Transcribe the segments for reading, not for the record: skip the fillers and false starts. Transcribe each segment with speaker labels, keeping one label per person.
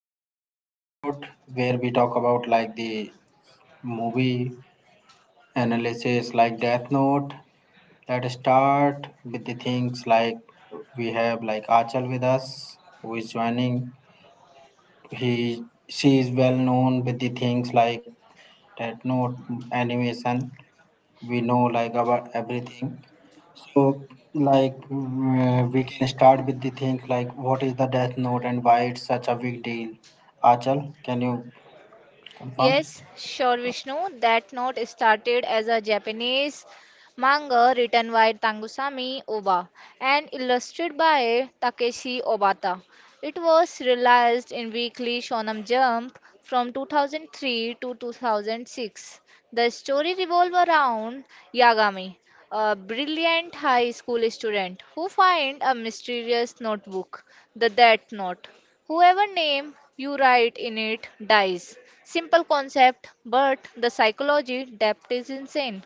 Speaker 1: special episode where we talk about like the movie analysis like Death Note. Let's start with the things like we have like Achal with us who is joining. He she is well known with the things like Death Note animation we know like about everything so like we can start with the things like what is the death note and why it's such a big deal Achal can you confirm?
Speaker 2: Yes, sure, Vishnu. That note started as a Japanese manga written by Tangusami Oba and illustrated by Takeshi Obata. It was realized in weekly Shonen Jump from 2003 to 2006. The story revolves around Yagami, a brilliant high school student who finds a mysterious notebook, the Death Note. Whoever name you write in it dies. Simple concept, but the psychology depth is insane.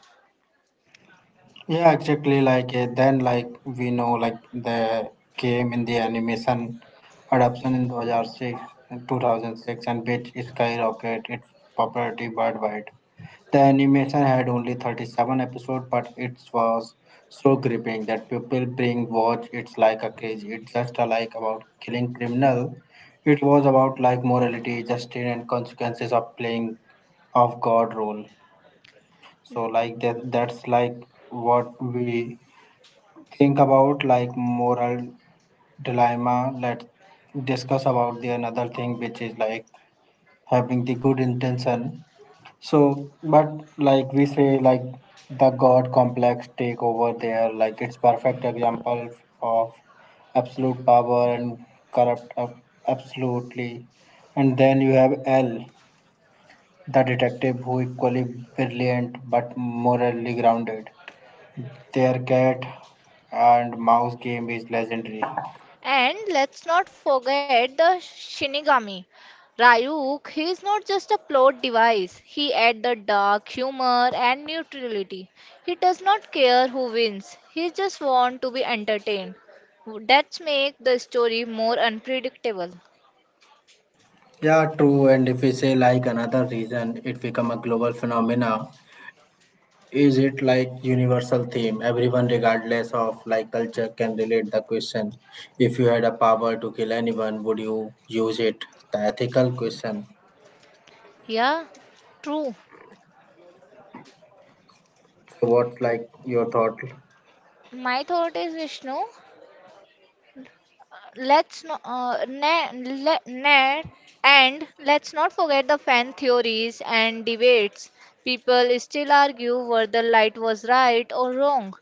Speaker 1: Yeah exactly like then like we know like the came in the animation adaptation in 2006 and which skyrocket its popularity worldwide. The animation had only 37 episodes, but it was so gripping that people bring watch it's like a craze. It's just a like about killing criminal. It was about like morality, justice and consequences of playing of God role. So like that's like what we think about like moral dilemma. Let's discuss about the another thing which is like having the good intention so, but like we say, like the God complex take over there, like it's perfect example of absolute power and corrupt absolutely. And then you have L, the detective who equally brilliant but morally grounded. Their cat and mouse game is legendary.
Speaker 2: And let's not forget the Shinigami. Ryuk, he is not just a plot device. He adds the dark humor and neutrality. He does not care who wins. He just wants to be entertained. That makes the story more unpredictable.
Speaker 1: Yeah, true. And if we say like another reason, it become a global phenomena. Is it like universal theme? Everyone, regardless of like culture, can relate the question. If you had a power to kill anyone, would you use it? The ethical question.
Speaker 2: Yeah, true.
Speaker 1: So what's like your thought?
Speaker 2: My thought is Vishnu. Let's not ne- le- ne- and let's not forget the fan theories and debates. People still argue whether light was right or wrong.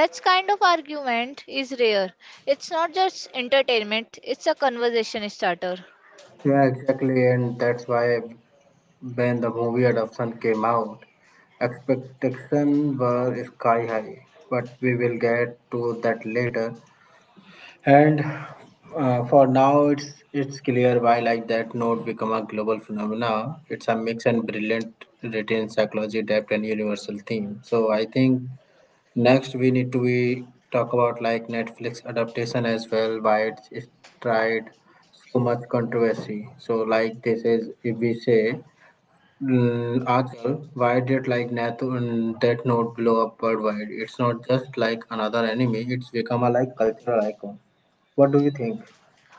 Speaker 2: That kind of argument is rare. It's not just entertainment, it's a conversation starter.
Speaker 1: Yeah, exactly, and that's why when the movie adoption came out, expectations were sky high. But we will get to that later. And for now, it's clear why like that note become a global phenomena. It's a mix and brilliant retains psychology, depth, and universal theme. So I think next we need to be talk about like Netflix adaptation as well. Why it's tried so much controversy. So like this is if we say. Achal, why did like that note blow up worldwide? It's not just like another enemy, it's become a like cultural icon. What do you think?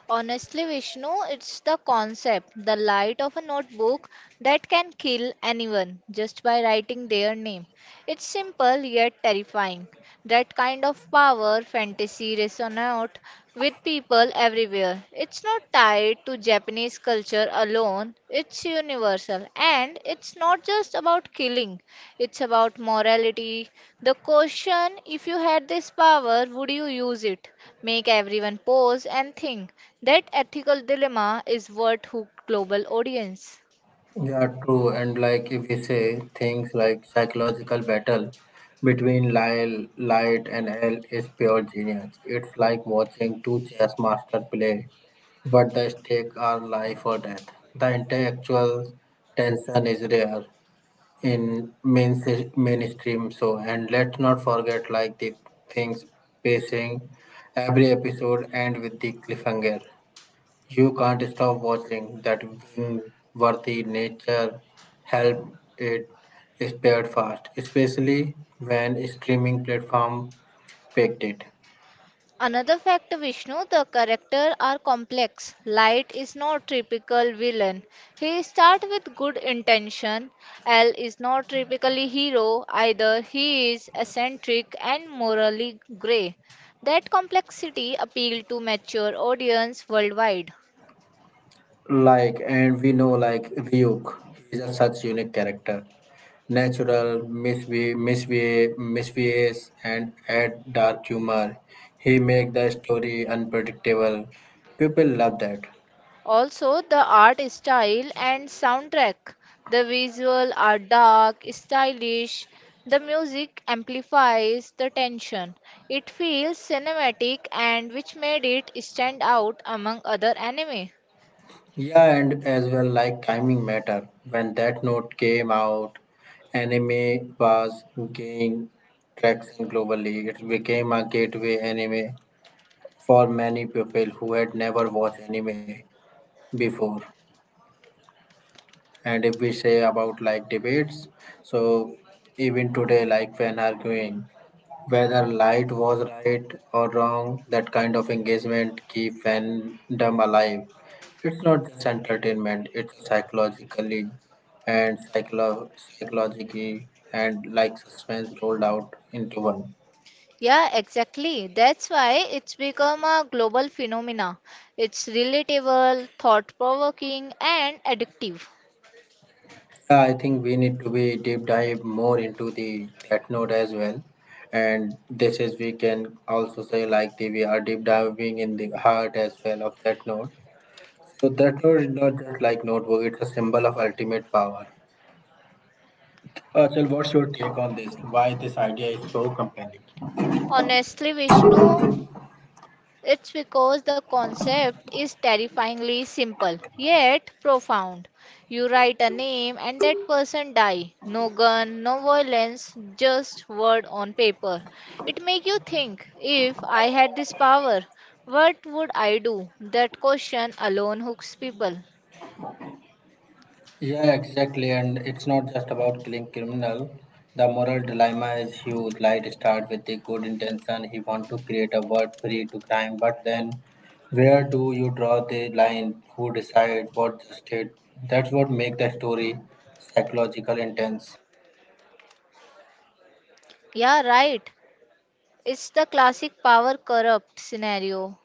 Speaker 2: Honestly, Vishnu, it's the concept, the light of a notebook that can kill anyone just by writing their name. It's simple yet terrifying. That kind of power fantasy resonates with people everywhere. It's not tied to Japanese culture alone, it's universal. And it's not just about killing, it's about morality. The question, if you had this power, would you use it? Make everyone pause and think. That ethical dilemma is what hooked global audience.
Speaker 1: Yeah, true. And like if we say things like psychological battle between Light and L is pure genius. It's like watching two chess masters play, but the stakes are life or death. The intellectual tension is rare in mainstream show. And let's not forget like the things pacing every episode end with the cliffhanger. You can't stop watching that win worthy nature help it spread fast, especially when streaming platform picked it.
Speaker 2: Another factor, Vishnu, the character, are complex. Light is not typical villain. He start with good intention. L is not typically hero either. He is eccentric and morally grey. That complexity appeal to mature audience worldwide.
Speaker 1: Like and we know like Ryuk, he's a such unique character. Natural, mischievous and add dark humor. He make the story unpredictable. People love that.
Speaker 2: Also, the art style and soundtrack. The visual are dark, stylish. The music amplifies the tension. It feels cinematic and which made it stand out among other anime.
Speaker 1: Yeah, and as well like timing matter. When that note came out, anime was gaining traction globally. It became a gateway anime for many people who had never watched anime before. And if we say about like debates, so even today, like when arguing, whether light was right or wrong, that kind of engagement keep fandom alive. It's not just entertainment, it's psychologically and psychologically and like suspense rolled out into one.
Speaker 2: Yeah, exactly. That's why it's become a global phenomena. It's relatable, thought-provoking and addictive.
Speaker 1: Yeah, I think we need to be deep dive more into the that note as well. And this is we can also say like the we are deep diving in the heart as well of that note. So that note is not just like notebook, it's a symbol of ultimate power. Achal, what's your take on this? Why this idea is so compelling?
Speaker 2: Honestly, Vishnu, it's because the concept is terrifyingly simple, yet profound. You write a name and that person die. No gun, no violence, just word on paper. It make you think, if I had this power, what would I do? That question alone hooks people.
Speaker 1: Yeah, exactly. And it's not just about killing criminal. The moral dilemma is huge. Like start with the good intention. He want to create a world free to crime, but then where do you draw the line? Who decide what justice? That's what make the story psychological intense.
Speaker 2: Yeah, right. It's the classic power corrupt scenario.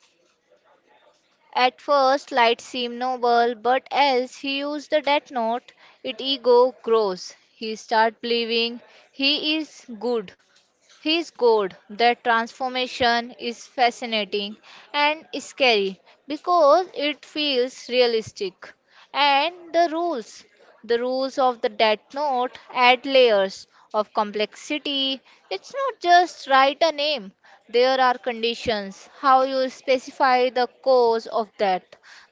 Speaker 2: At first, light seemed noble, but as he used the death note, it ego grows. He start believing he is good. He is God. That transformation is fascinating and scary because it feels realistic. And the rules. The rules of the Death Note add layers of complexity. It's not just write a name, there are conditions, how you specify the cause of death,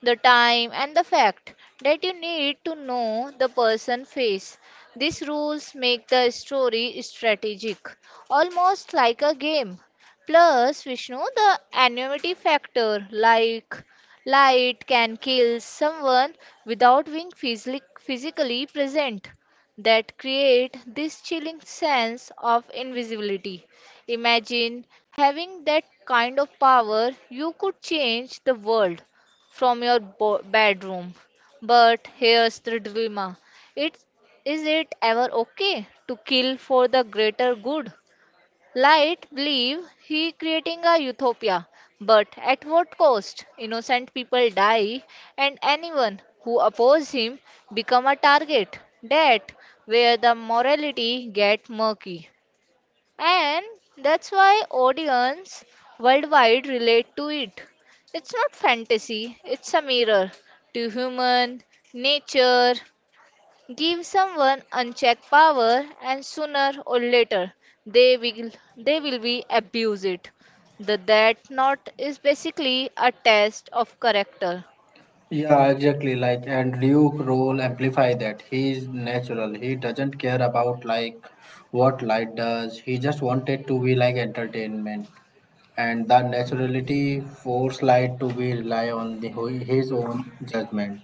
Speaker 2: the time, and the fact that you need to know the person face. These rules make the story strategic, almost like a game. Plus, Vishnu, the anonymity factor, like light can kill someone without being physically present, that create this chilling sense of invisibility. Imagine having that kind of power. You could change the world from your bedroom. But here's the dilemma. It, is it ever okay to kill for the greater good? Light believe he creating a utopia, but at what cost? Innocent people die, and anyone who oppose him become a target. That where the morality get murky, and that's why audience worldwide relate to it. It's not fantasy, it's a mirror to human nature. Give someone unchecked power and sooner or later, they will they will be abuse it. The that not is basically a test of character.
Speaker 1: Yeah, exactly. Like, and Ryuk role amplify that. He is natural. He doesn't care about like what light does. He just wanted to be like entertainment, and the naturality forced light to be rely on the his own judgment,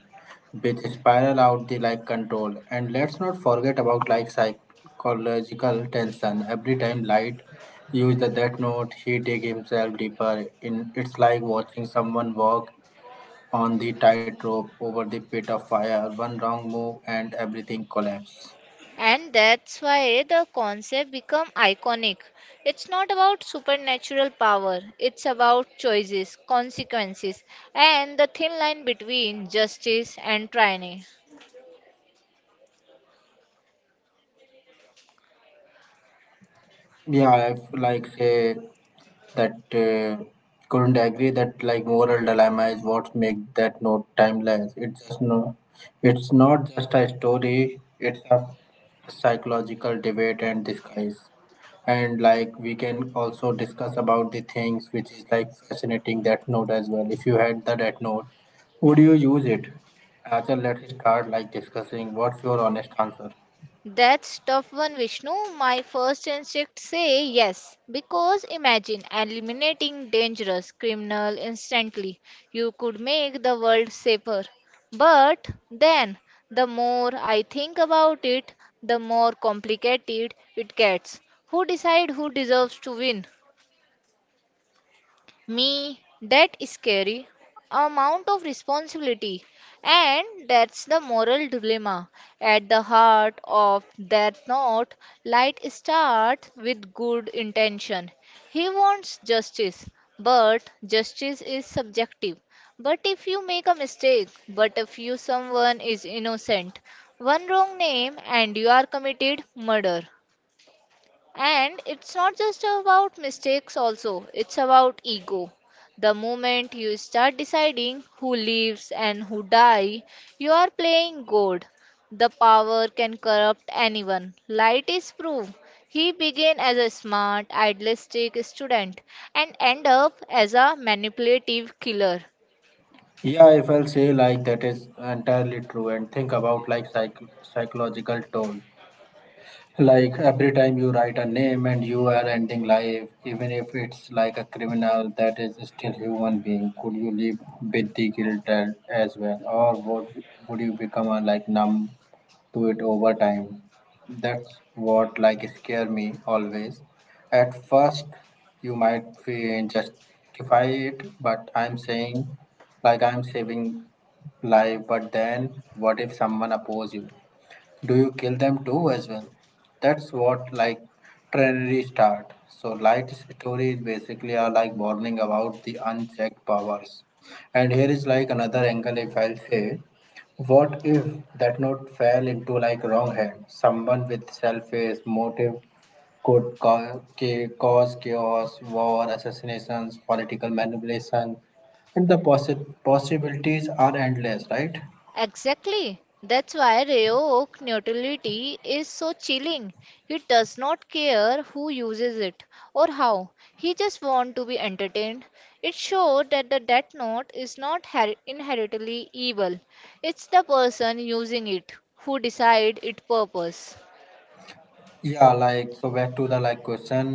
Speaker 1: which spiral out the like control. And let's not forget about like psychological tension. Every time light use the death note, he dig himself deeper. In it's like watching someone walk on the tightrope over the pit of fire. One wrong move and everything collapse.
Speaker 2: And that's why the concept become iconic. It's not about supernatural power, it's about choices, consequences, and the thin line between justice and tyranny.
Speaker 1: Yeah, like say that couldn't agree that like moral dilemma is what makes that note timeless. It's just no, it's not just a story. It's a psychological debate and disguise. And like we can also discuss about the things which is like fascinating that note as well. If you had the that note, would you use it? Arthur, let's start like discussing. What's your honest answer?
Speaker 2: That's tough one, Vishnu. My first instinct say yes, because imagine eliminating dangerous criminal instantly. You could make the world safer. But then, the more I think about it, the more complicated it gets. Who decide who deserves to win? Me, that is scary amount of responsibility. And that's the moral dilemma. At the heart of that note, Light starts with good intention. He wants justice, but justice is subjective. But if you make a mistake, but if you someone is innocent, one wrong name and you are committed murder. And it's not just about mistakes, also, it's about ego. The moment you start deciding who lives and who die, you are playing God. The power can corrupt anyone. Light is proof. He began as a smart, idealistic student and end up as a manipulative killer.
Speaker 1: Yeah, if I'll say like that is entirely true and think about like psychological toll. Like every time you write a name and you are ending life, even if it's like a criminal that is still human being, could you live with the guilt as well? Or would you become a, like numb to it over time? That's what like scare me always. At first, you might feel justify it, but I'm saying like I'm saving life, but then what if someone oppose you? Do you kill them too as well? That's what like trainery start. So light story is basically are like warning about the unchecked powers. And here is like another angle if I'll say what if that note fell into like wrong hand? Someone with selfish motive could cause chaos, war, assassinations, political manipulation, and the possibilities are endless, right?
Speaker 2: Exactly. That's why Roanoke neutrality is so chilling. He does not care who uses it or how. He just wants to be entertained. It showed that the Death Note is not inherently evil. It's the person using it who decide its purpose.
Speaker 1: Yeah, like so back to the like question,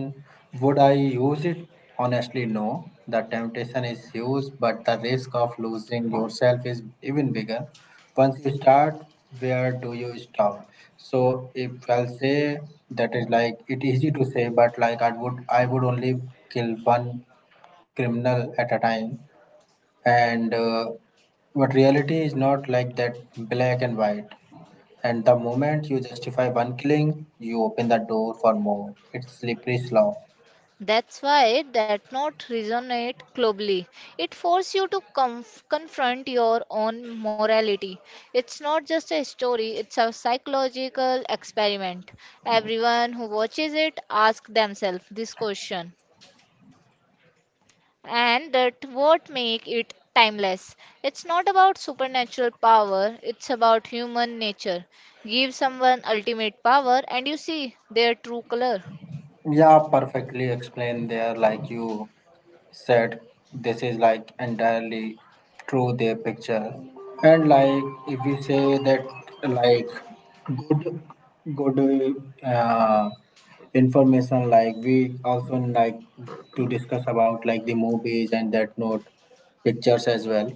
Speaker 1: would I use it? Honestly, no. The temptation is huge, but the risk of losing yourself is even bigger. Once you start, where do you stop? So if I'll say that is like it easy to say, but like I would only kill one criminal at a time. And but reality is not like that black and white. And the moment you justify one killing, you open the door for more. It's slippery slope.
Speaker 2: That's why that not resonate globally. It forces you to confront your own morality. It's not just a story, it's a psychological experiment. Everyone who watches it asks themselves this question. And that what make it timeless. It's not about supernatural power, it's about human nature. Give someone ultimate power and you see their true color.
Speaker 1: Yeah, perfectly explained there. Like you said, this is like entirely true. Their picture, and like if we say that like good uh, information like we also like to discuss about like the movies and that note pictures as well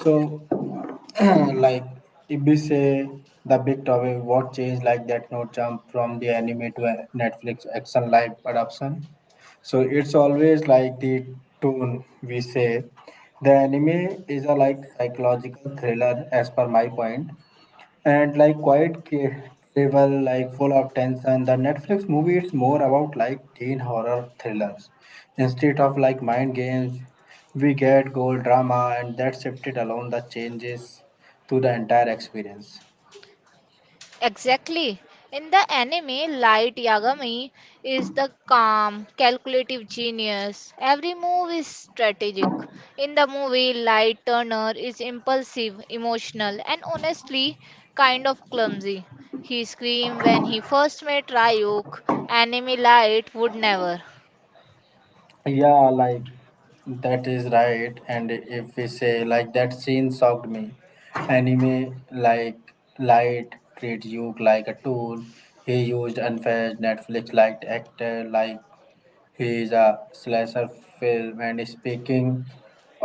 Speaker 1: so like if we say the big topic what changed like that note jump from the anime to a Netflix action live adoption so it's always like the tone we say the anime is a like psychological thriller as per my point and like quiet cable like full of tension. The Netflix movie is more about like teen horror thrillers instead of like mind games, we get gold drama and that shifted along the changes to the entire experience.
Speaker 2: Exactly. In the anime, Light Yagami is the calm, calculative genius. Every move is strategic. In the movie, Light Turner is impulsive, emotional, and honestly kind of clumsy. He screamed when he first met Ryuk. Anime Light would never.
Speaker 1: Yeah like that is right and if we say like that scene shocked me anime like light treat you like a tool, he used unfair Netflix liked actor like he is a slasher film. And speaking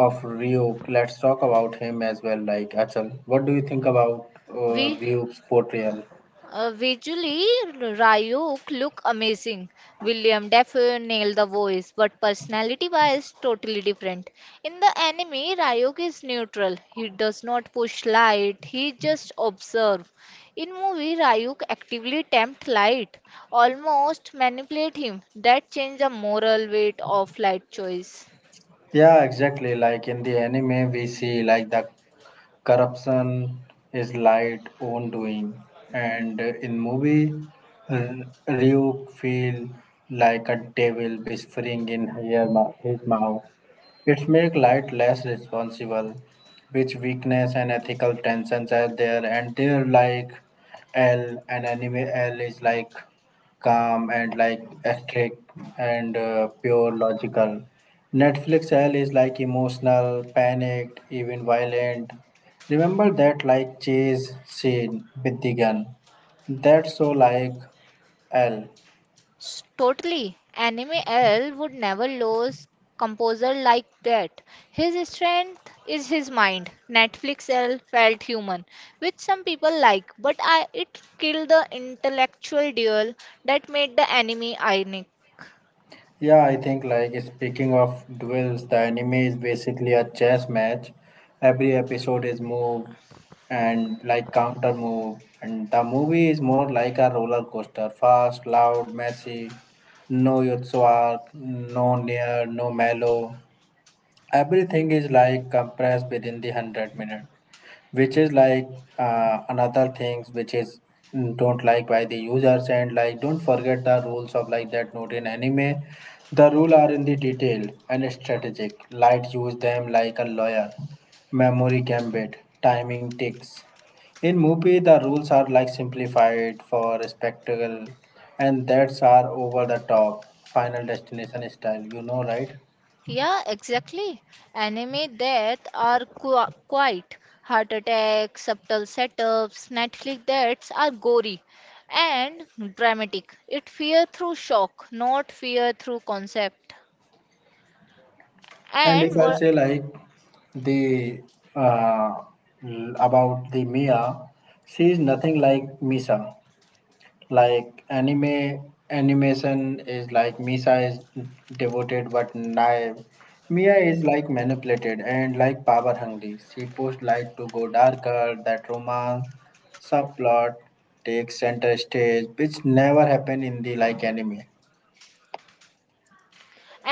Speaker 1: of Ryuk, let's talk about him as well. Like Achal, what do you think about
Speaker 2: We
Speaker 1: Ryuk's portrayal?
Speaker 2: Visually, Ryuk look amazing. William Dafoe nailed the voice, but personality-wise, totally different. In the anime, Ryuk is neutral. He does not push light. He just observe. In movie, Ryuk actively tempt light, almost manipulate him. That change the moral weight of light choice.
Speaker 1: Yeah, exactly. Like in the anime, we see like the corruption is light own doing and in movie Ryuk feel like a devil whispering in his mouth, it make light less responsible which weakness and ethical tensions are there and they're like L and anime L is like calm and like aesthetic and pure logical. Netflix L is like emotional panicked even violent. Remember that like Chase said with the gun. That's so like L.
Speaker 2: Totally. Anime L would never lose composer like that. His strength is his mind. Netflix L felt human, which some people like, but I it killed the intellectual duel that made the anime ironic.
Speaker 1: Yeah, I think like speaking of duels, the anime is basically a chess match. Every episode is move and like counter move and the movie is more like a roller coaster. Fast, loud, messy, no Yotsu arc, no near, no mellow. Everything is like compressed within the 100 minutes, which is like another things which is don't like by the users and like don't forget the rules of like that note in anime, the rule are in the detailed and strategic light use them like a lawyer memory gambit timing ticks in movie, the rules are like simplified for spectacle, and that's are over the top, final destination style. You know, right?
Speaker 2: Yeah, exactly. Anime death are quite heart attacks, subtle setups. Netflix deaths are gory and dramatic. It fear through shock, not fear through concept.
Speaker 1: And if
Speaker 2: And
Speaker 1: I
Speaker 2: wha-
Speaker 1: say like the uh, about the Mia, she is nothing like Misa. Like anime animation is like Misa is devoted but naive. Mia is like manipulated and like power hungry. She pushed light to go darker. That romance subplot takes center stage, which never happened in the like anime.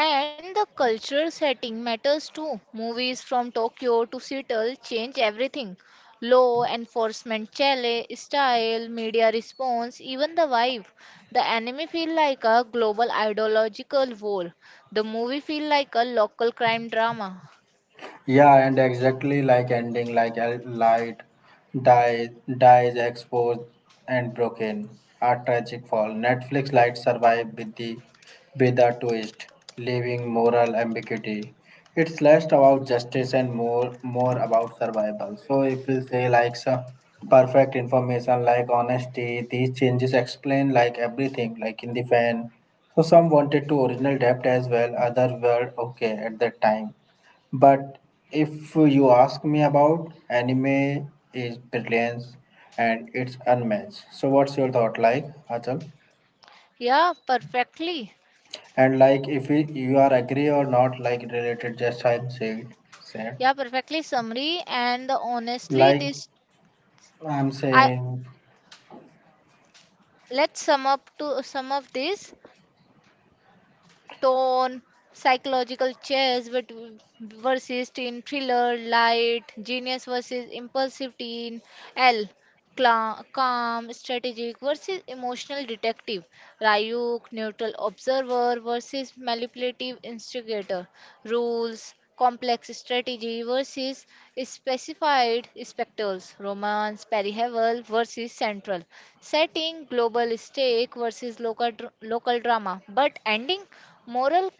Speaker 2: and the cultural setting matters too. Movies from Tokyo to Seattle change everything. Law enforcement chale, style, media response, even the vibe. The anime feel like a global ideological war. The movie feel like a local crime drama.
Speaker 1: Yeah, and exactly like ending, like a light die dies exposed and broken. A tragic fall. Netflix light survive with the with a twist, leaving moral ambiguity. It's less about justice and more about survival. So if we say like so perfect information like honesty, these changes explain like everything, like in the fan. So some wanted to original depth as well, other were okay at that time but if you ask me about anime is brilliance and it's unmatched. So what's your thought like, Achal?
Speaker 2: Yeah, perfectly.
Speaker 1: And like if we, you are agree or not like related just I'm saying said.
Speaker 2: Yeah, perfectly summary. And honestly,
Speaker 1: Like
Speaker 2: this
Speaker 1: I'm
Speaker 2: I
Speaker 1: saying
Speaker 2: Let's sum up this. Tone, psychological chess versus teen thriller. Light, genius versus impulsive teen. L. Calm, strategic versus emotional detective. Ryuk, neutral observer versus manipulative instigator. Rules, complex strategy versus specified spectacles. Romance, periheval versus central. Setting, global stake versus local, local drama. But ending, moral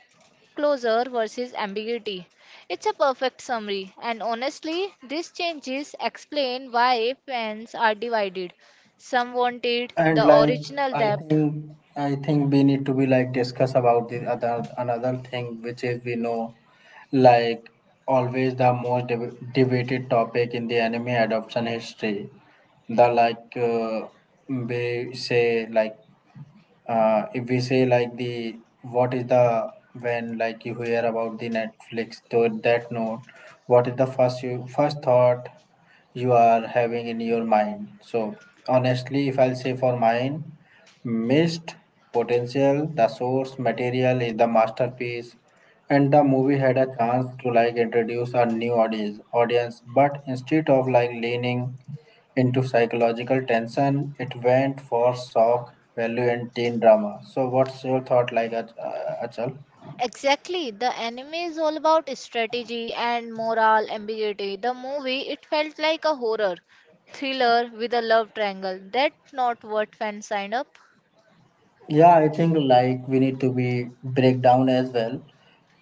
Speaker 2: closure versus ambiguity. It's a perfect summary, and honestly, these changes explain why fans are divided. Some wanted
Speaker 1: and
Speaker 2: the
Speaker 1: like
Speaker 2: original
Speaker 1: i
Speaker 2: depth.
Speaker 1: think I think we need to be like discuss about the other another thing which is we know like always the most debated topic in the anime adoption history the like we say like if we say like the what is the when like you hear about the netflix to that note what is the first you first thought you are having in your mind so honestly if I'll say for mine missed potential, the source material is the masterpiece, and the movie had a chance to like introduce a new audience, but instead of like leaning into psychological tension, it went for shock value and teen drama. So what's your thought like Achal?
Speaker 2: Exactly, the anime is all about strategy and moral ambiguity. The movie, it felt like a horror thriller with a love triangle. That's not what fans signed up.
Speaker 1: Yeah, I think like we need to be breakdown as well.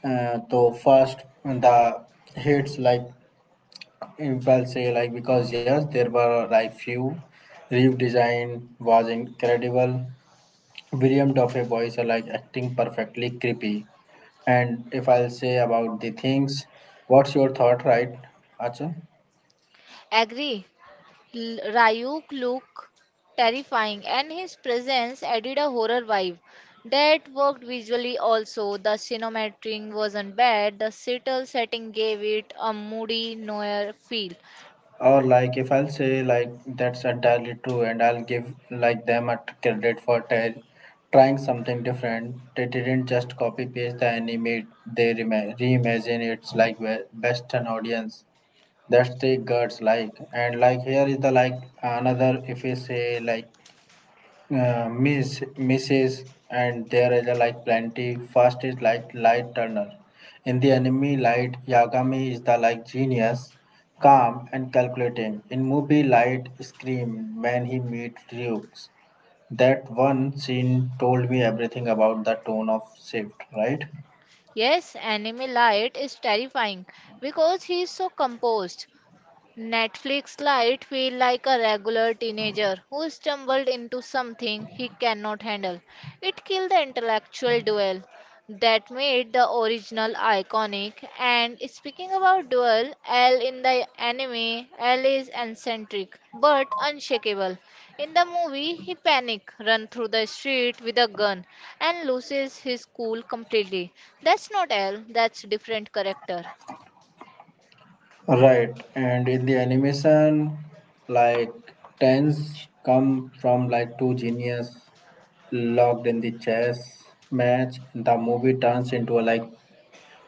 Speaker 1: So first the hits like if I'll say like because yes, there were like few. Reeve design was incredible. William Duffy voice are like acting perfectly creepy. And if I'll say about the things, what's your thought, right? Acha?
Speaker 2: Agree. Ryuk looked terrifying, and his presence added a horror vibe that worked visually also. The cinematography wasn't bad, the subtle setting gave it a moody noir feel.
Speaker 1: Or like if I'll say like that's entirely true, and I'll give like them a credit for trying something different. They didn't just copy paste the anime; they reimagine it's like Western audience. That's the guts like and like here is the like another if we say like misses and there is a like plenty first is like Light Turner in the enemy Light Yagami is the like genius calm and calculating in movie light scream when he meets Ryuk. That one scene told me everything about the tone of shift, right?
Speaker 2: Yes, enemy light is terrifying because he is so composed. Netflix Lite feel like a regular teenager who stumbled into something he cannot handle. It killed the intellectual duel that made the original iconic. And speaking about duel, L in the anime, L is eccentric but unshakable. In the movie, he panic, run through the street with a gun, and loses his cool completely. That's not L. That's different character.
Speaker 1: Right, and in the animation, like tens come from like two genius locked in the chess match. The movie turns into a, like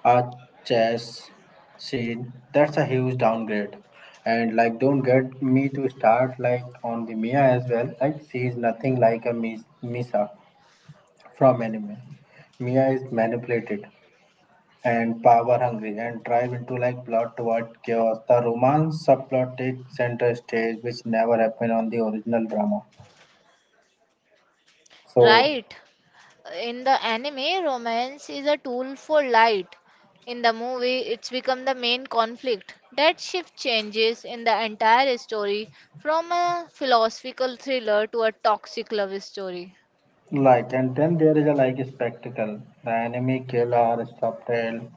Speaker 1: a chess scene. That's a huge downgrade. And like, don't get me to start like on the Mia as well. Like, she is nothing like a Misa from anime. Mia is manipulated and power hungry and drive into like plot toward chaos. The romance subplot takes center stage, which never happened on the original drama. So,
Speaker 2: Right. In the anime, romance is a tool for light. In the movie, it's become the main conflict. That shift changes in the entire story from a philosophical thriller to a toxic love story.
Speaker 1: like, and then there is a like spectacle. The enemy kill are subtle,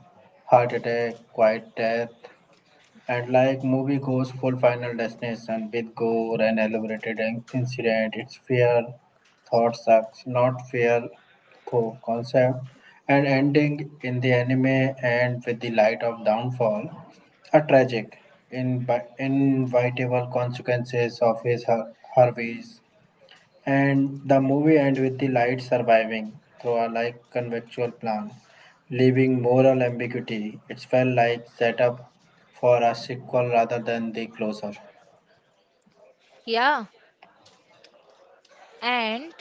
Speaker 1: heart attack, quiet death, and like movie goes full final destination with gore and elaborated incident, it's fair thought sucks, not fair though concept, and ending in the anime and with the light of downfall, a tragic, inevitable consequences of his her ways. And the movie ends with the light surviving through a like conventional plan, leaving moral ambiguity. It felt like setup for a sequel rather than the closure.
Speaker 2: Yeah, and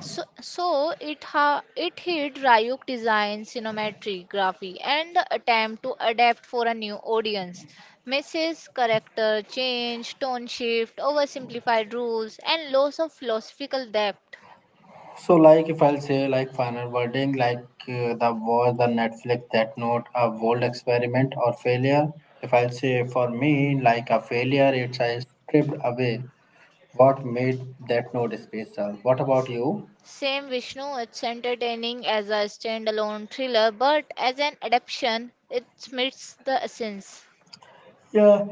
Speaker 2: so it hit Ryuk design, cinematography, and the attempt to adapt for a new audience. Misses character change, tone shift, oversimplified rules, and loss of philosophical depth.
Speaker 1: So, like if I'll say like final wording, like the was the Netflix that note a bold experiment or failure. If I'll say for me, like a failure, it's I stripped away what made that note special. What about you?
Speaker 2: Same Vishnu, it's entertaining as a standalone thriller, but as an adaptation, it meets the essence.
Speaker 1: Yeah,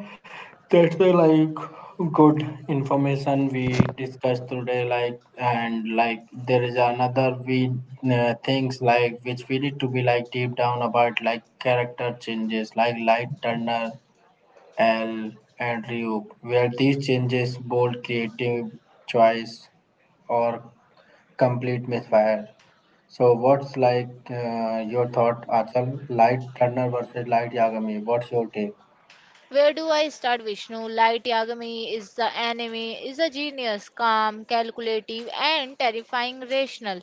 Speaker 1: that's the like good information we discussed today. Like and like there is another we things like which we need to be like deep down about like character changes like Light Turner, L and Ryuk, where these changes bold creative choice or complete misfire. So what's like your thought, Achal? Light Turner versus Light Yagami. What's your take?
Speaker 2: Where do I start, Vishnu? Light Yagami is the enemy, is a genius, calm, calculative, and terrifying rational.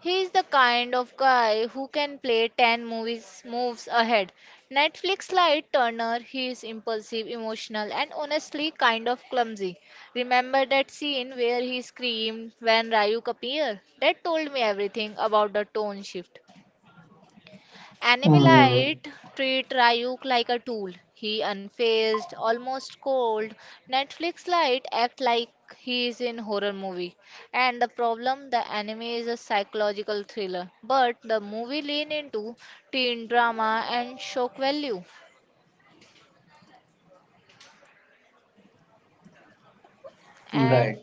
Speaker 2: He is the kind of guy who can play 10 movies moves ahead. Netflix Light Turner, he is impulsive, emotional, and honestly kind of clumsy. Remember that scene where he screamed when Ryuk appeared? That told me everything about the tone shift.
Speaker 1: Mm,
Speaker 2: Animalite treat Ryuk like a tool. He unfazed, almost cold. Netflix Lite act like he is in horror movie. And the problem, the anime is a psychological thriller, but the movie lean into teen drama and shock value. And
Speaker 1: right.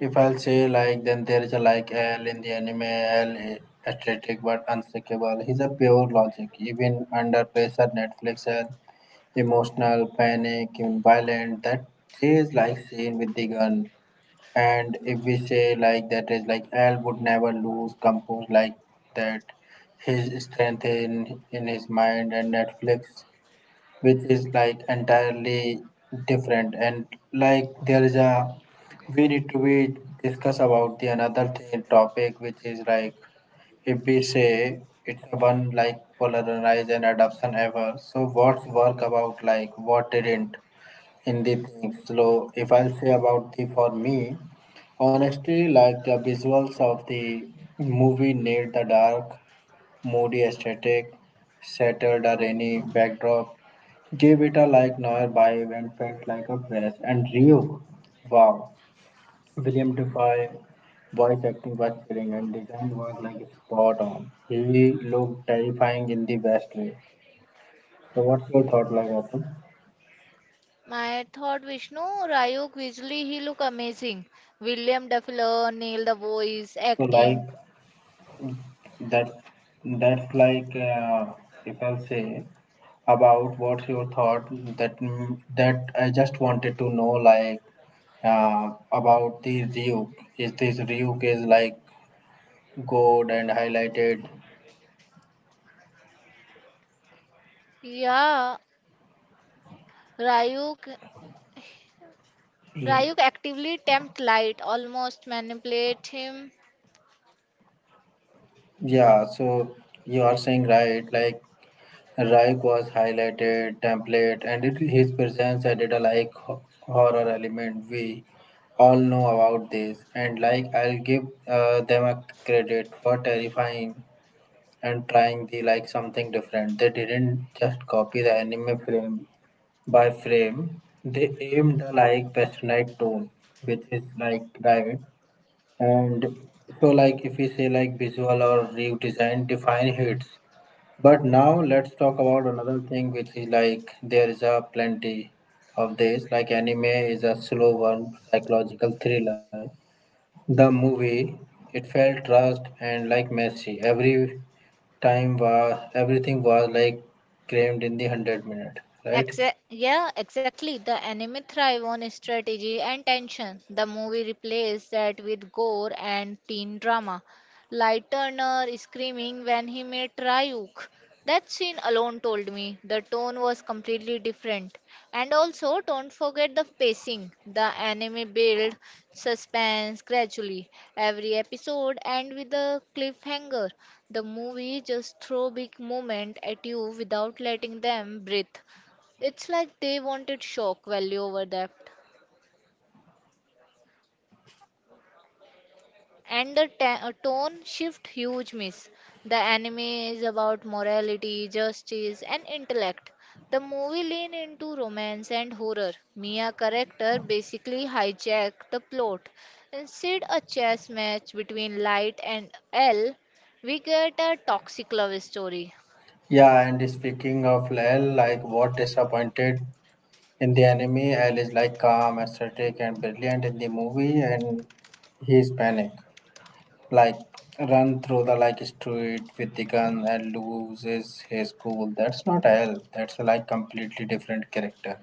Speaker 1: If I'll say like then there is a like L in the anime L is athletic but unshakable. He's a pure logic. Even under pressure, Netflix L emotional, panic, even violent. That is like scene with the gun. And if we say like that is like L would never lose compose like that. His strength in his mind and Netflix which is like entirely different and like there is a we need to be discuss about the another thing, topic which is like if we say it's a one like polarize and adoption ever so what's work about like what didn't in the things so if I'll say about the for me honestly like the visuals of the movie need the dark moody aesthetic settled or any backdrop gave it a like nearby and felt like a fresh and real. Wow. William Defy voice acting was chilling and design was like spot on. He looked terrifying in the best way. So what's your thought like Atum?
Speaker 2: my thought, Vishnu, Ryuk visually he look amazing. William Dafoe nailed the voice,
Speaker 1: So like
Speaker 2: acting.
Speaker 1: that's that's like if I'll say about what's your thought that that I just wanted to know like about the Ryuk. Is this Ryuk is like gold and highlighted?
Speaker 2: Yeah, Ryuk
Speaker 1: Mm.
Speaker 2: Ryuk actively tempts Light, almost manipulates him.
Speaker 1: Yeah, so you are saying right, like Raik was highlighted template and it, his presence added a like horror element. We all know about this and like I'll give them a credit for terrifying and trying the like something different. They didn't just copy the anime frame by frame. They aimed the like passionate tone, which is like right and so like if we say like visual or view design, define hits but now let's talk about another thing which is like there is a plenty of this like anime is a slow one, psychological thriller the movie it felt rushed and like messy every time was everything was like crammed in the 100 minute, right?
Speaker 2: Yeah, exactly. The anime thrive on strategy and tension. The movie replaced that with gore and teen drama. Light Turner screaming when he met Ryuk. That scene alone told me the tone was completely different. And also, don't forget the pacing. The anime build suspense gradually. Every episode end with a cliffhanger. The movie just throw big moment at you without letting them breathe. It's like they wanted shock value over depth. And the tone shift huge miss. The anime is about morality, justice, and intellect. The movie lean into romance and horror. Mia character basically hijack the plot. Instead a chess match between Light and L, we get a toxic love story.
Speaker 1: Yeah and speaking of l like what disappointed in the anime, L is like calm, aesthetic, and brilliant in the movie, and he is panic, like run through the like street with the gun and loses his cool. That's not L. That's like completely different character,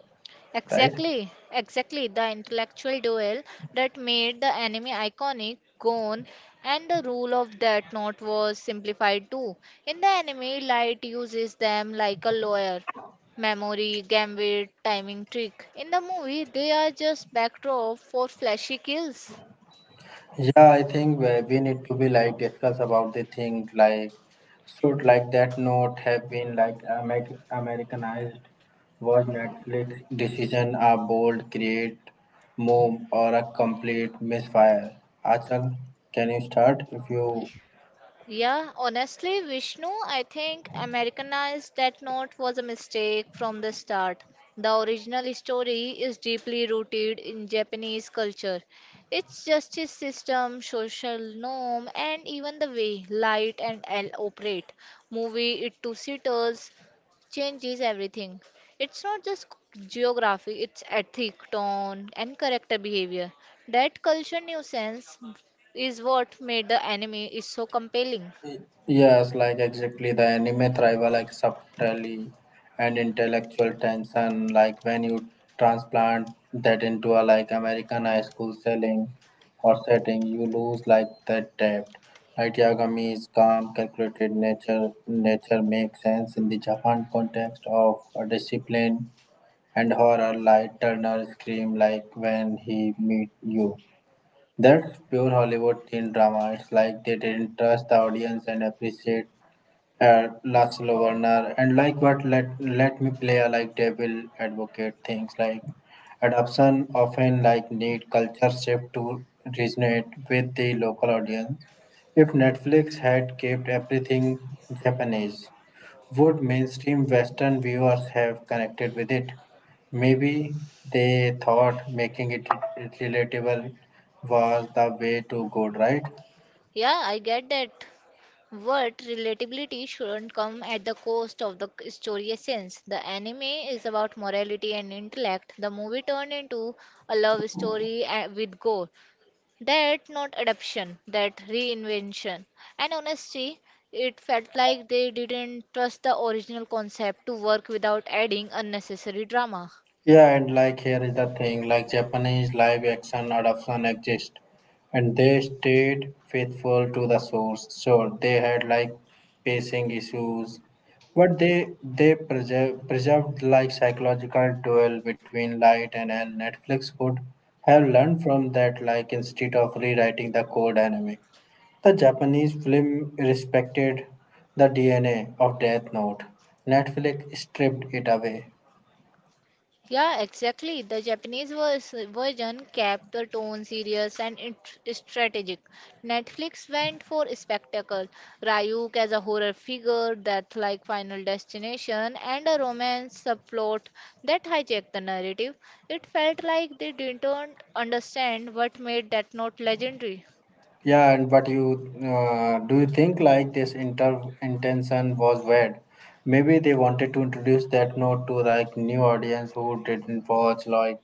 Speaker 1: right?
Speaker 2: Exactly, exactly. The intellectual duel that made the anime iconic, gone, and the rule of that knot was simplified too. In the anime, Light uses them like a lawyer. Memory, gambit, timing trick. In the movie, they are just backdrop for flashy kills.
Speaker 1: Yeah, I think we need to be like discuss about the thing like should like that note have been like Americanized? Was Netflix decision a bold, create move or a complete misfire? Achal, can you start if you?
Speaker 2: Yeah, honestly, Vishnu, I think Americanized that note was a mistake from the start. The original story is deeply rooted in Japanese culture. Its justice system, social norm, and even the way light and L operate. Movie it to sitters changes everything. It's not just geography, it's ethic, tone, and character behavior. That culture nuisance is what made the anime is so compelling.
Speaker 1: Yes, like exactly the anime thrival like subtly and intellectual tension, like when you transplant that into a like American high school selling or setting, you lose like that depth. Like Yagami is calm, calculated nature makes sense in the Japan context of a discipline and horror like Turner scream like when he meet you. That's pure Hollywood teen drama. It's like they didn't trust the audience and appreciate Laszlo Werner and like what let me play a like devil advocate things like adoption often like need culture shift to resonate with the local audience. If Netflix had kept everything Japanese, would mainstream Western viewers have connected with it? Maybe they thought making it relatable was the way to go, right?
Speaker 2: Yeah, I get that. But relatability shouldn't come at the cost of the story essence. The anime is about morality and intellect. The movie turned into a love story with gore. That not adaptation, that reinvention. And honestly, it felt like they didn't trust the original concept to work without adding unnecessary drama.
Speaker 1: Yeah, and like here is the thing like Japanese live action adaptation exist and they stayed faithful to the source. Sure, they had like pacing issues, but they preserved like psychological duel between light and hell. Netflix could have learned from that, like instead of rewriting the core dynamic. The Japanese film respected the DNA of Death Note. Netflix stripped it away.
Speaker 2: Yeah, exactly. The Japanese version kept the tone serious and strategic. Netflix went for spectacle. Ryuk as a horror figure, death like Final Destination, and a romance subplot that hijacked the narrative. It felt like they didn't understand what made that note legendary.
Speaker 1: Yeah, and but you do you think like this inter intention was weird? Maybe they wanted to introduce that note to like new audience who didn't watch like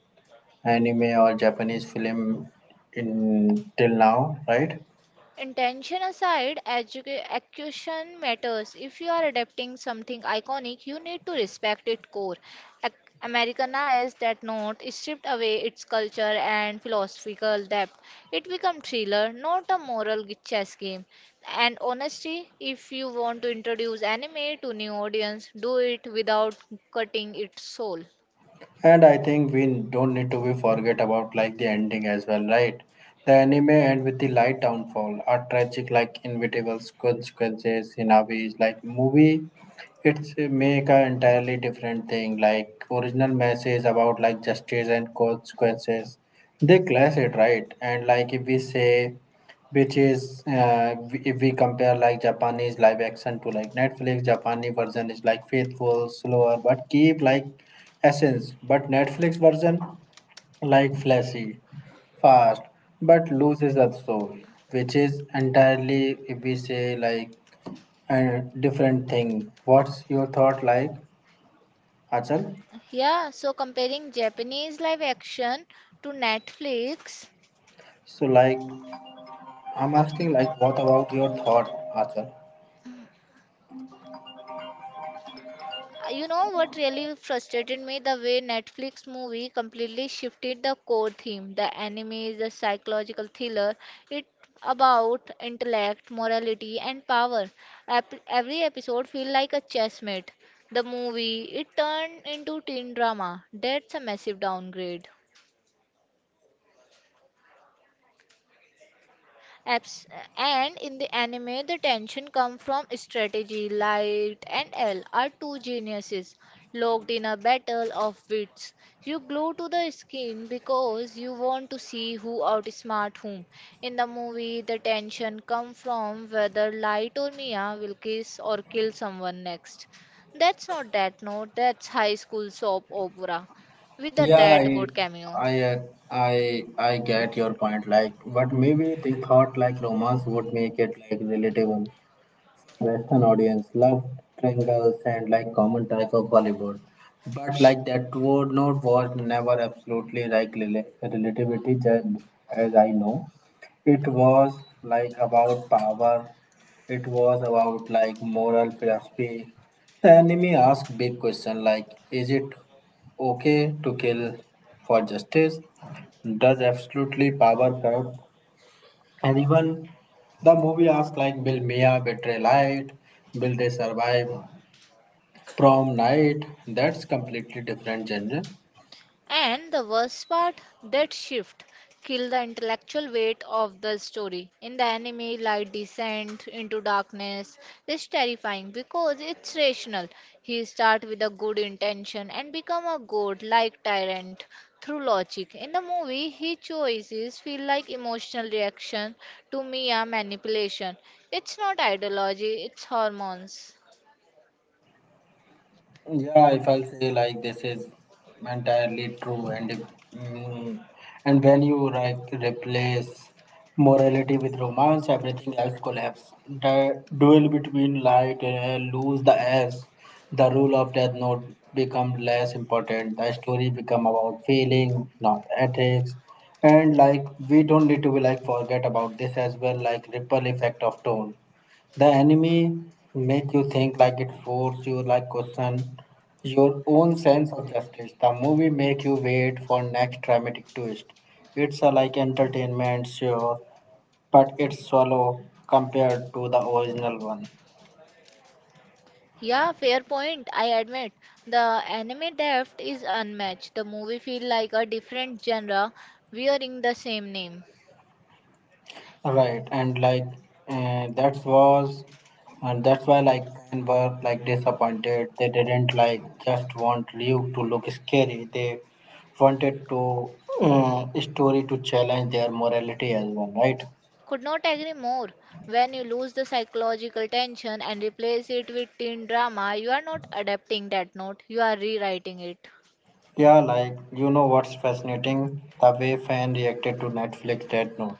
Speaker 1: anime or Japanese film in till now, right?
Speaker 2: Intention aside, execution matters. If you are adapting something iconic, you need to respect its core. Ac- Americanize that note, stripped away its culture and philosophical depth. It becomes thriller, not a moral chess game. And honestly, if you want to introduce anime to new audience, do it without cutting its soul.
Speaker 1: And I think we don't need to be forget about like the ending as well, right? The anime end with the light downfall, a tragic like inevitable consequences in a way. It's like movie, it's make a entirely different thing. Like original message about like justice and consequences, they clash it right and like if we say which is if we compare like japanese live action to like netflix japanese version is like faithful slower but keep like essence but netflix version like flashy fast but loses the soul which is entirely if we say like a different thing what's your thought like achal
Speaker 2: Yeah, so comparing Japanese live action to Netflix.
Speaker 1: so like I'm asking like what about your thought achal.
Speaker 2: You know what really frustrated me? The way Netflix movie completely shifted the core theme. The anime is a psychological thriller. It about intellect, morality, and power. Every episode feel like a chess mate. The movie it turned into teen drama. That's a massive downgrade. Abs- and in the anime, the tension comes from strategy. Light and L are two geniuses locked in a battle of wits. You glue to the skin because you want to see who outsmart whom. In the movie, the tension comes from whether Light or Mia will kiss or kill someone next. That's not that note, that's high school soap opera with a
Speaker 1: Yeah,
Speaker 2: that good cameo.
Speaker 1: I, uh, I get your point. Like, but maybe they thought like romance would make it like relatable. Western audience loved triangles and like common type of Hollywood. But
Speaker 2: Shh.
Speaker 1: like that word note was never absolutely like relativity as I know. It was like about power. It was about like moral philosophy. The enemy asked big question like is it okay to kill for justice? Does absolutely power corrupt and even the movie asks like, will Mia betray light? Will they survive prom night? That's completely different genre.
Speaker 2: And the worst part, that shift killed the intellectual weight of the story. In the anime, light descent into darkness is terrifying because it's rational. He start with a good intention and become a god like tyrant through logic. In the movie, his choices feel like emotional reaction to Mia manipulation. It's not ideology, it's hormones.
Speaker 1: Yeah, if I'll say like this is entirely true, and if, mm, and when you like replace morality with romance, everything else collapses. The duel between light and air lose the edge. The rule of death note become less important. The story become about feeling, not ethics. And like we don't need to be like forget about this as well, like ripple effect of tone the anime make you think like it force you like question your own sense of justice. The movie make you wait for next dramatic twist. It's a like entertainment sure, but it's shallow compared to the original one.
Speaker 2: Yeah, fair point. I admit the anime depth is unmatched. The movie feel like a different genre wearing the same name.
Speaker 1: Right, and like uh, that was, and that's why like Ken were like disappointed. They didn't like just want Liu to look scary. They wanted to story to challenge their morality as well, right?
Speaker 2: Could not agree more. When you lose the psychological tension and replace it with teen drama, you are not adapting that note. You are rewriting it.
Speaker 1: Yeah, like you know what's fascinating? The way fan reacted to Netflix Death Note.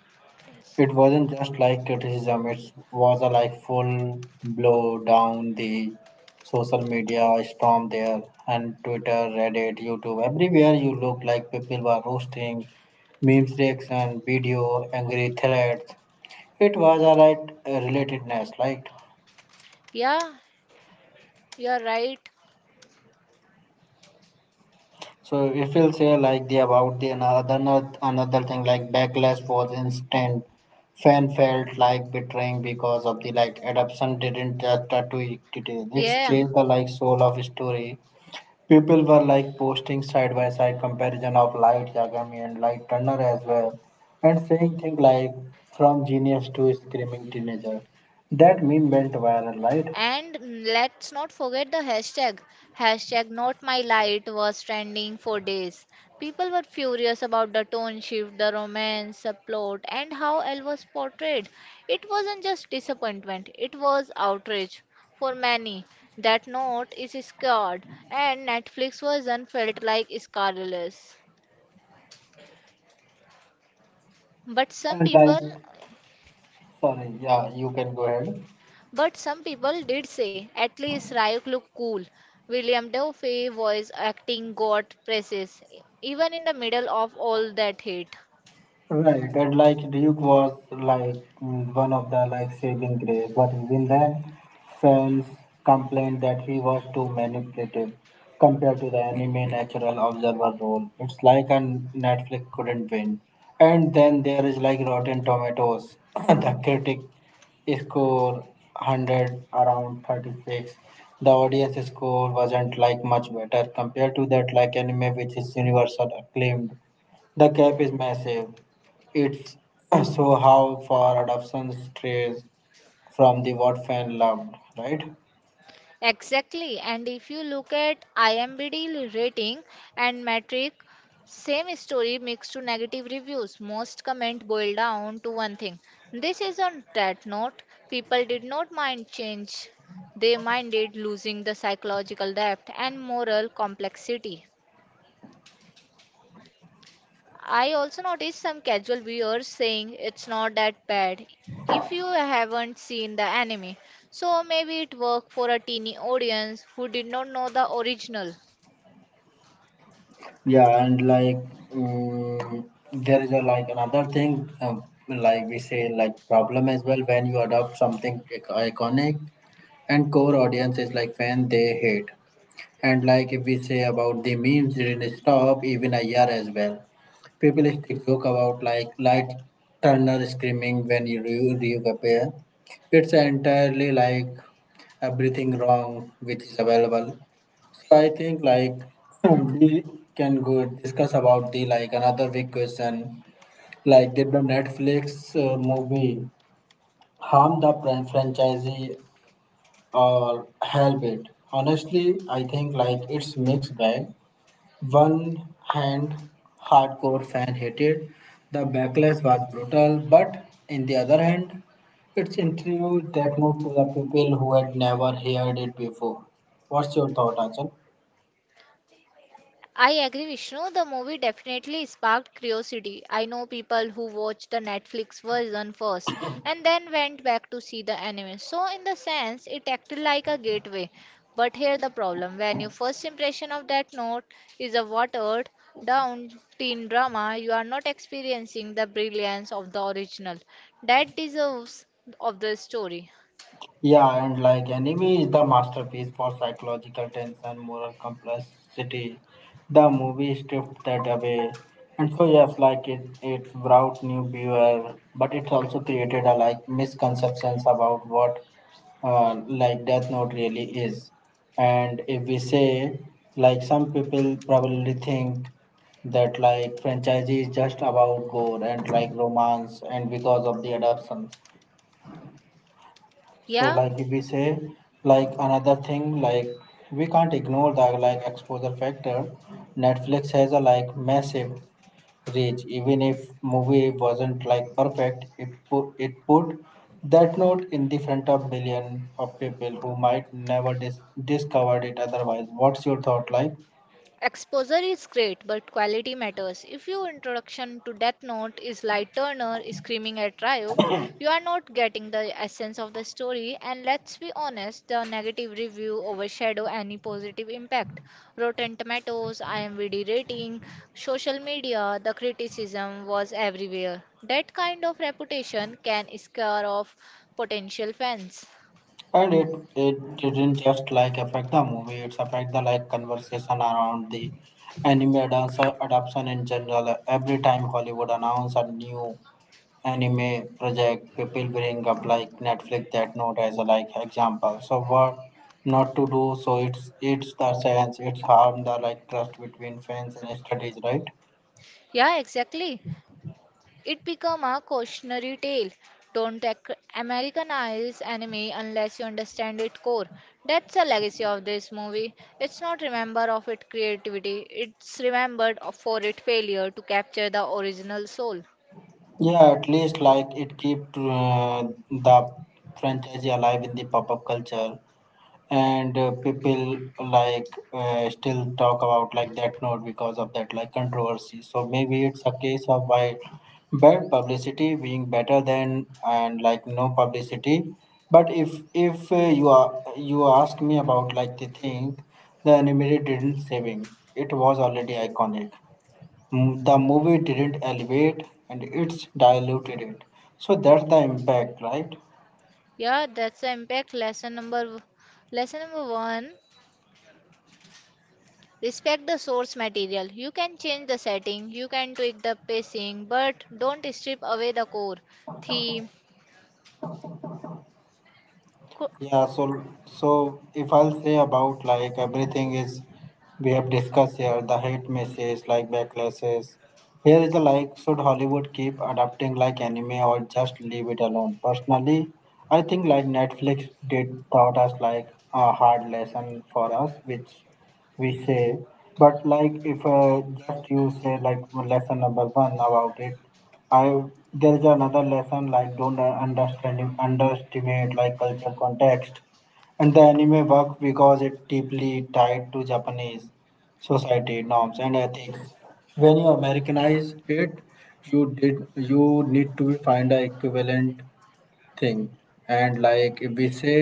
Speaker 1: It wasn't just like criticism, it was a like full blow down the social media storm there, and Twitter, Reddit, YouTube, everywhere you look like people were roasting, memes reaction, video, angry threads. It was a right relatedness, right?
Speaker 2: Yeah, you are right.
Speaker 1: So if we'll say like the another thing like backlash was instant. Fan felt like betraying because of the like adoption didn't just to it- It's
Speaker 2: Yeah.
Speaker 1: changed the like soul of story. People were like posting side by side comparison of Light Yagami and Light Turner as well, and saying things like from genius to screaming teenager. That meme went viral, right?
Speaker 2: And let's not forget the hashtag. Hashtag not my light was trending for days. People were furious about the tone shift, the romance, the plot, and how Elle was portrayed. It wasn't just disappointment, it was outrage. For many, that note is scarred, and Netflix version felt like scarless. But some
Speaker 1: And like,
Speaker 2: people
Speaker 1: sorry, yeah, you can go ahead.
Speaker 2: But some people did say, at least Ryuk looked cool. William Dafoe voice acting got praises, even in the middle of all that hate.
Speaker 1: Right, and like Duke was like one of the like saving grace, but even then, fans complained that he was too manipulative compared to the anime natural observer role. It's like a Netflix couldn't win. And then there is like Rotten Tomatoes, the critic score 100 around 36. The audience score wasn't like much better compared to that like anime which is universal acclaimed, the gap is massive. It's so how for adoption strays from the what fan loved, right?
Speaker 2: Exactly, and if you look at IMDb rating and metric, same story mixed to negative reviews. Most comment boil down to one thing. This is on that note, people did not mind change. They minded losing the psychological depth and moral complexity. I also noticed some casual viewers saying it's not that bad if you haven't seen the anime. So maybe it worked for a teeny audience who did not know the original.
Speaker 1: Yeah, and like mm there is a, like another thing, like we say, like problem as well when you adopt something ic- iconic and core audience is like fan they hate. And like if we say about the memes didn't stop even a year as well. People still joke about like light Turner screaming when you re- reappear. It's entirely like everything wrong which is available. So I think like we can go discuss about the like another big question like did the Netflix movie harm the fran- franchisee or help it? Honestly, I think like it's mixed bag one hand, hardcore fan hated the backlash was brutal, but in the other hand, its introduced that move to the people who had never heard it before. What's your thought, Achal?
Speaker 2: I agree, Vishnu. The movie definitely sparked curiosity. I know people who watched the Netflix version first and then went back to see the anime. So, in the sense, it acted like a gateway. But here the problem when your first impression of that note is a watered down teen drama, you are not experiencing the brilliance of the original that deserves of the story.
Speaker 1: Yeah, and like Enemy is the masterpiece for psychological tension, moral complexity. The movie stripped that away. And so yes, like it brought new viewer, but it also created a like misconceptions about what like death note really is, and if we say like some people probably think that like franchise is just about gore and like romance and because of the adaptations. So
Speaker 2: Yeah.
Speaker 1: like if we say like another thing like we can't ignore the like exposure factor, netflix has a like massive reach. Even if movie wasn't like perfect, it put that note in the front of million of people who might never dis- discovered it otherwise. What's your thought like?
Speaker 2: Exposure is great, but quality matters. If your introduction to Death Note is like Turner screaming at Ryuk, you are not getting the essence of the story. And let's be honest, the negative review overshadow any positive impact. Rotten Tomatoes, IMDb rating, social media, the criticism was everywhere. That kind of reputation can scare off potential fans.
Speaker 1: And it didn't just like affect the movie. It's affect the like conversation around the anime dancer adoption in general. Every time Hollywood announce a new anime project people bring up like Netflix that note as a like example. So what not to do? So it's the sense it's harm the like trust between fans and studies, right?
Speaker 2: Yeah, exactly. It become a cautionary tale. Don't Americanize anime unless you understand its core. That's a legacy of this movie. It's not remembered of its creativity. It's remembered for its failure to capture the original soul.
Speaker 1: Yeah, at least like it keep the franchise alive in the pop up culture, and people like still talk about like that note because of that like controversy, so maybe it's a case of why bad publicity being better than and like no publicity. But if you are you ask me about like the thing the anime didn't saving, it was already iconic. Mm, the movie didn't elevate, and it's diluted it, so that's the impact, right?
Speaker 2: Yeah, that's the impact lesson number one. Respect the source material. You can change the setting, you can tweak the pacing, but don't strip away the core theme,
Speaker 1: Yeah, so so if I'll say about like everything is we have discussed here, the hate messages like backlashes. Here is the like should Hollywood keep adapting like anime or just leave it alone? Personally, I think like Netflix did taught us like a hard lesson for us, which we say. But like if just you say like lesson number one about it, I there's another lesson like don't understand underestimate like culture context, and the anime work because it deeply tied to Japanese society norms and ethics. When you Americanize it, you did you need to find a equivalent thing, and like if we say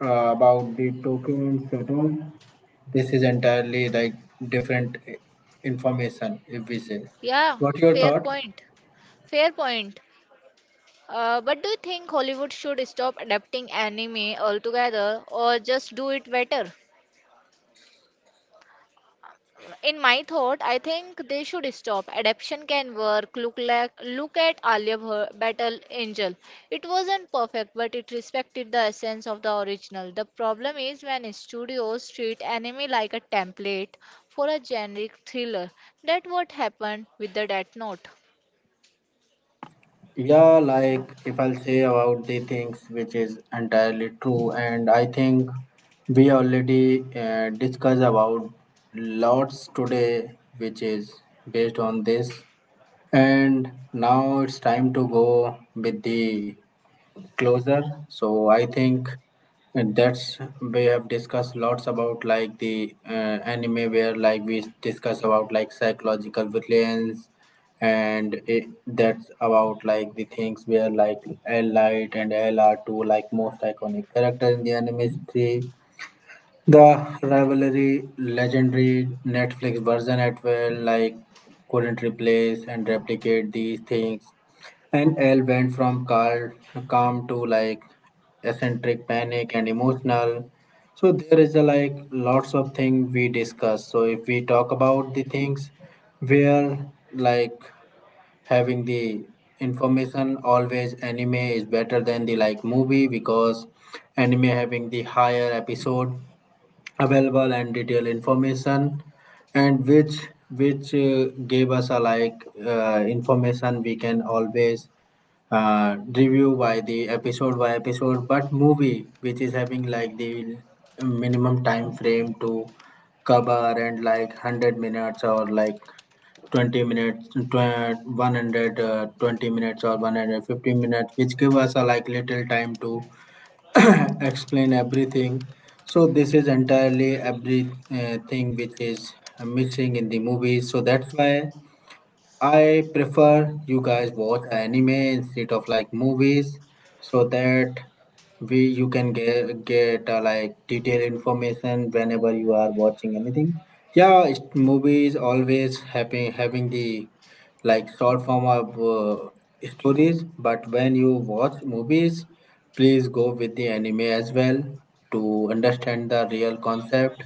Speaker 1: about the Tokyo and Seoul. This is entirely like different I- information, if we say. What your thought? Yeah, like if I'll say about the things which is entirely true, and I think we already discussed about lots today, which is based on this. And now it's time to go with the closer, so I think, and that's we have discussed lots about like the anime where like we discuss about like psychological villains, and it, that's about like the things where like l light and LR two like most iconic character in the anime 3, the rivalry legendary Netflix version at well like couldn't replace and replicate these things. And Elle went from cal- calm to like eccentric panic and emotional. So there is a like lots of things we discuss. So if we talk about the things where like having the information always anime is better than the like movie because anime having the higher episode available and detailed information, and which gave us a like information we can always review by the episode by episode, but movie which is having like the minimum time frame to cover and like 100 minutes or like 20 minutes, tw- 120 minutes or 150 minutes, which give us a like little time to explain everything. So this is entirely everything which is missing in the movies. So that's why I prefer you guys watch anime instead of like movies, so that we you can get like detailed information whenever you are watching anything. Yeah, it's, movies always having the like short form of stories, but when you watch movies, please go with the anime as well to understand the real concept.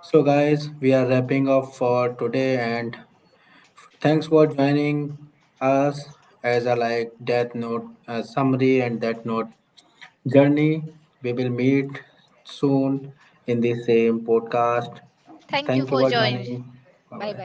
Speaker 1: So guys, we are wrapping up for today, and thanks for joining us as a like death note summary and that note journey. We will meet soon in the same podcast. Thank you for joining. Bye bye.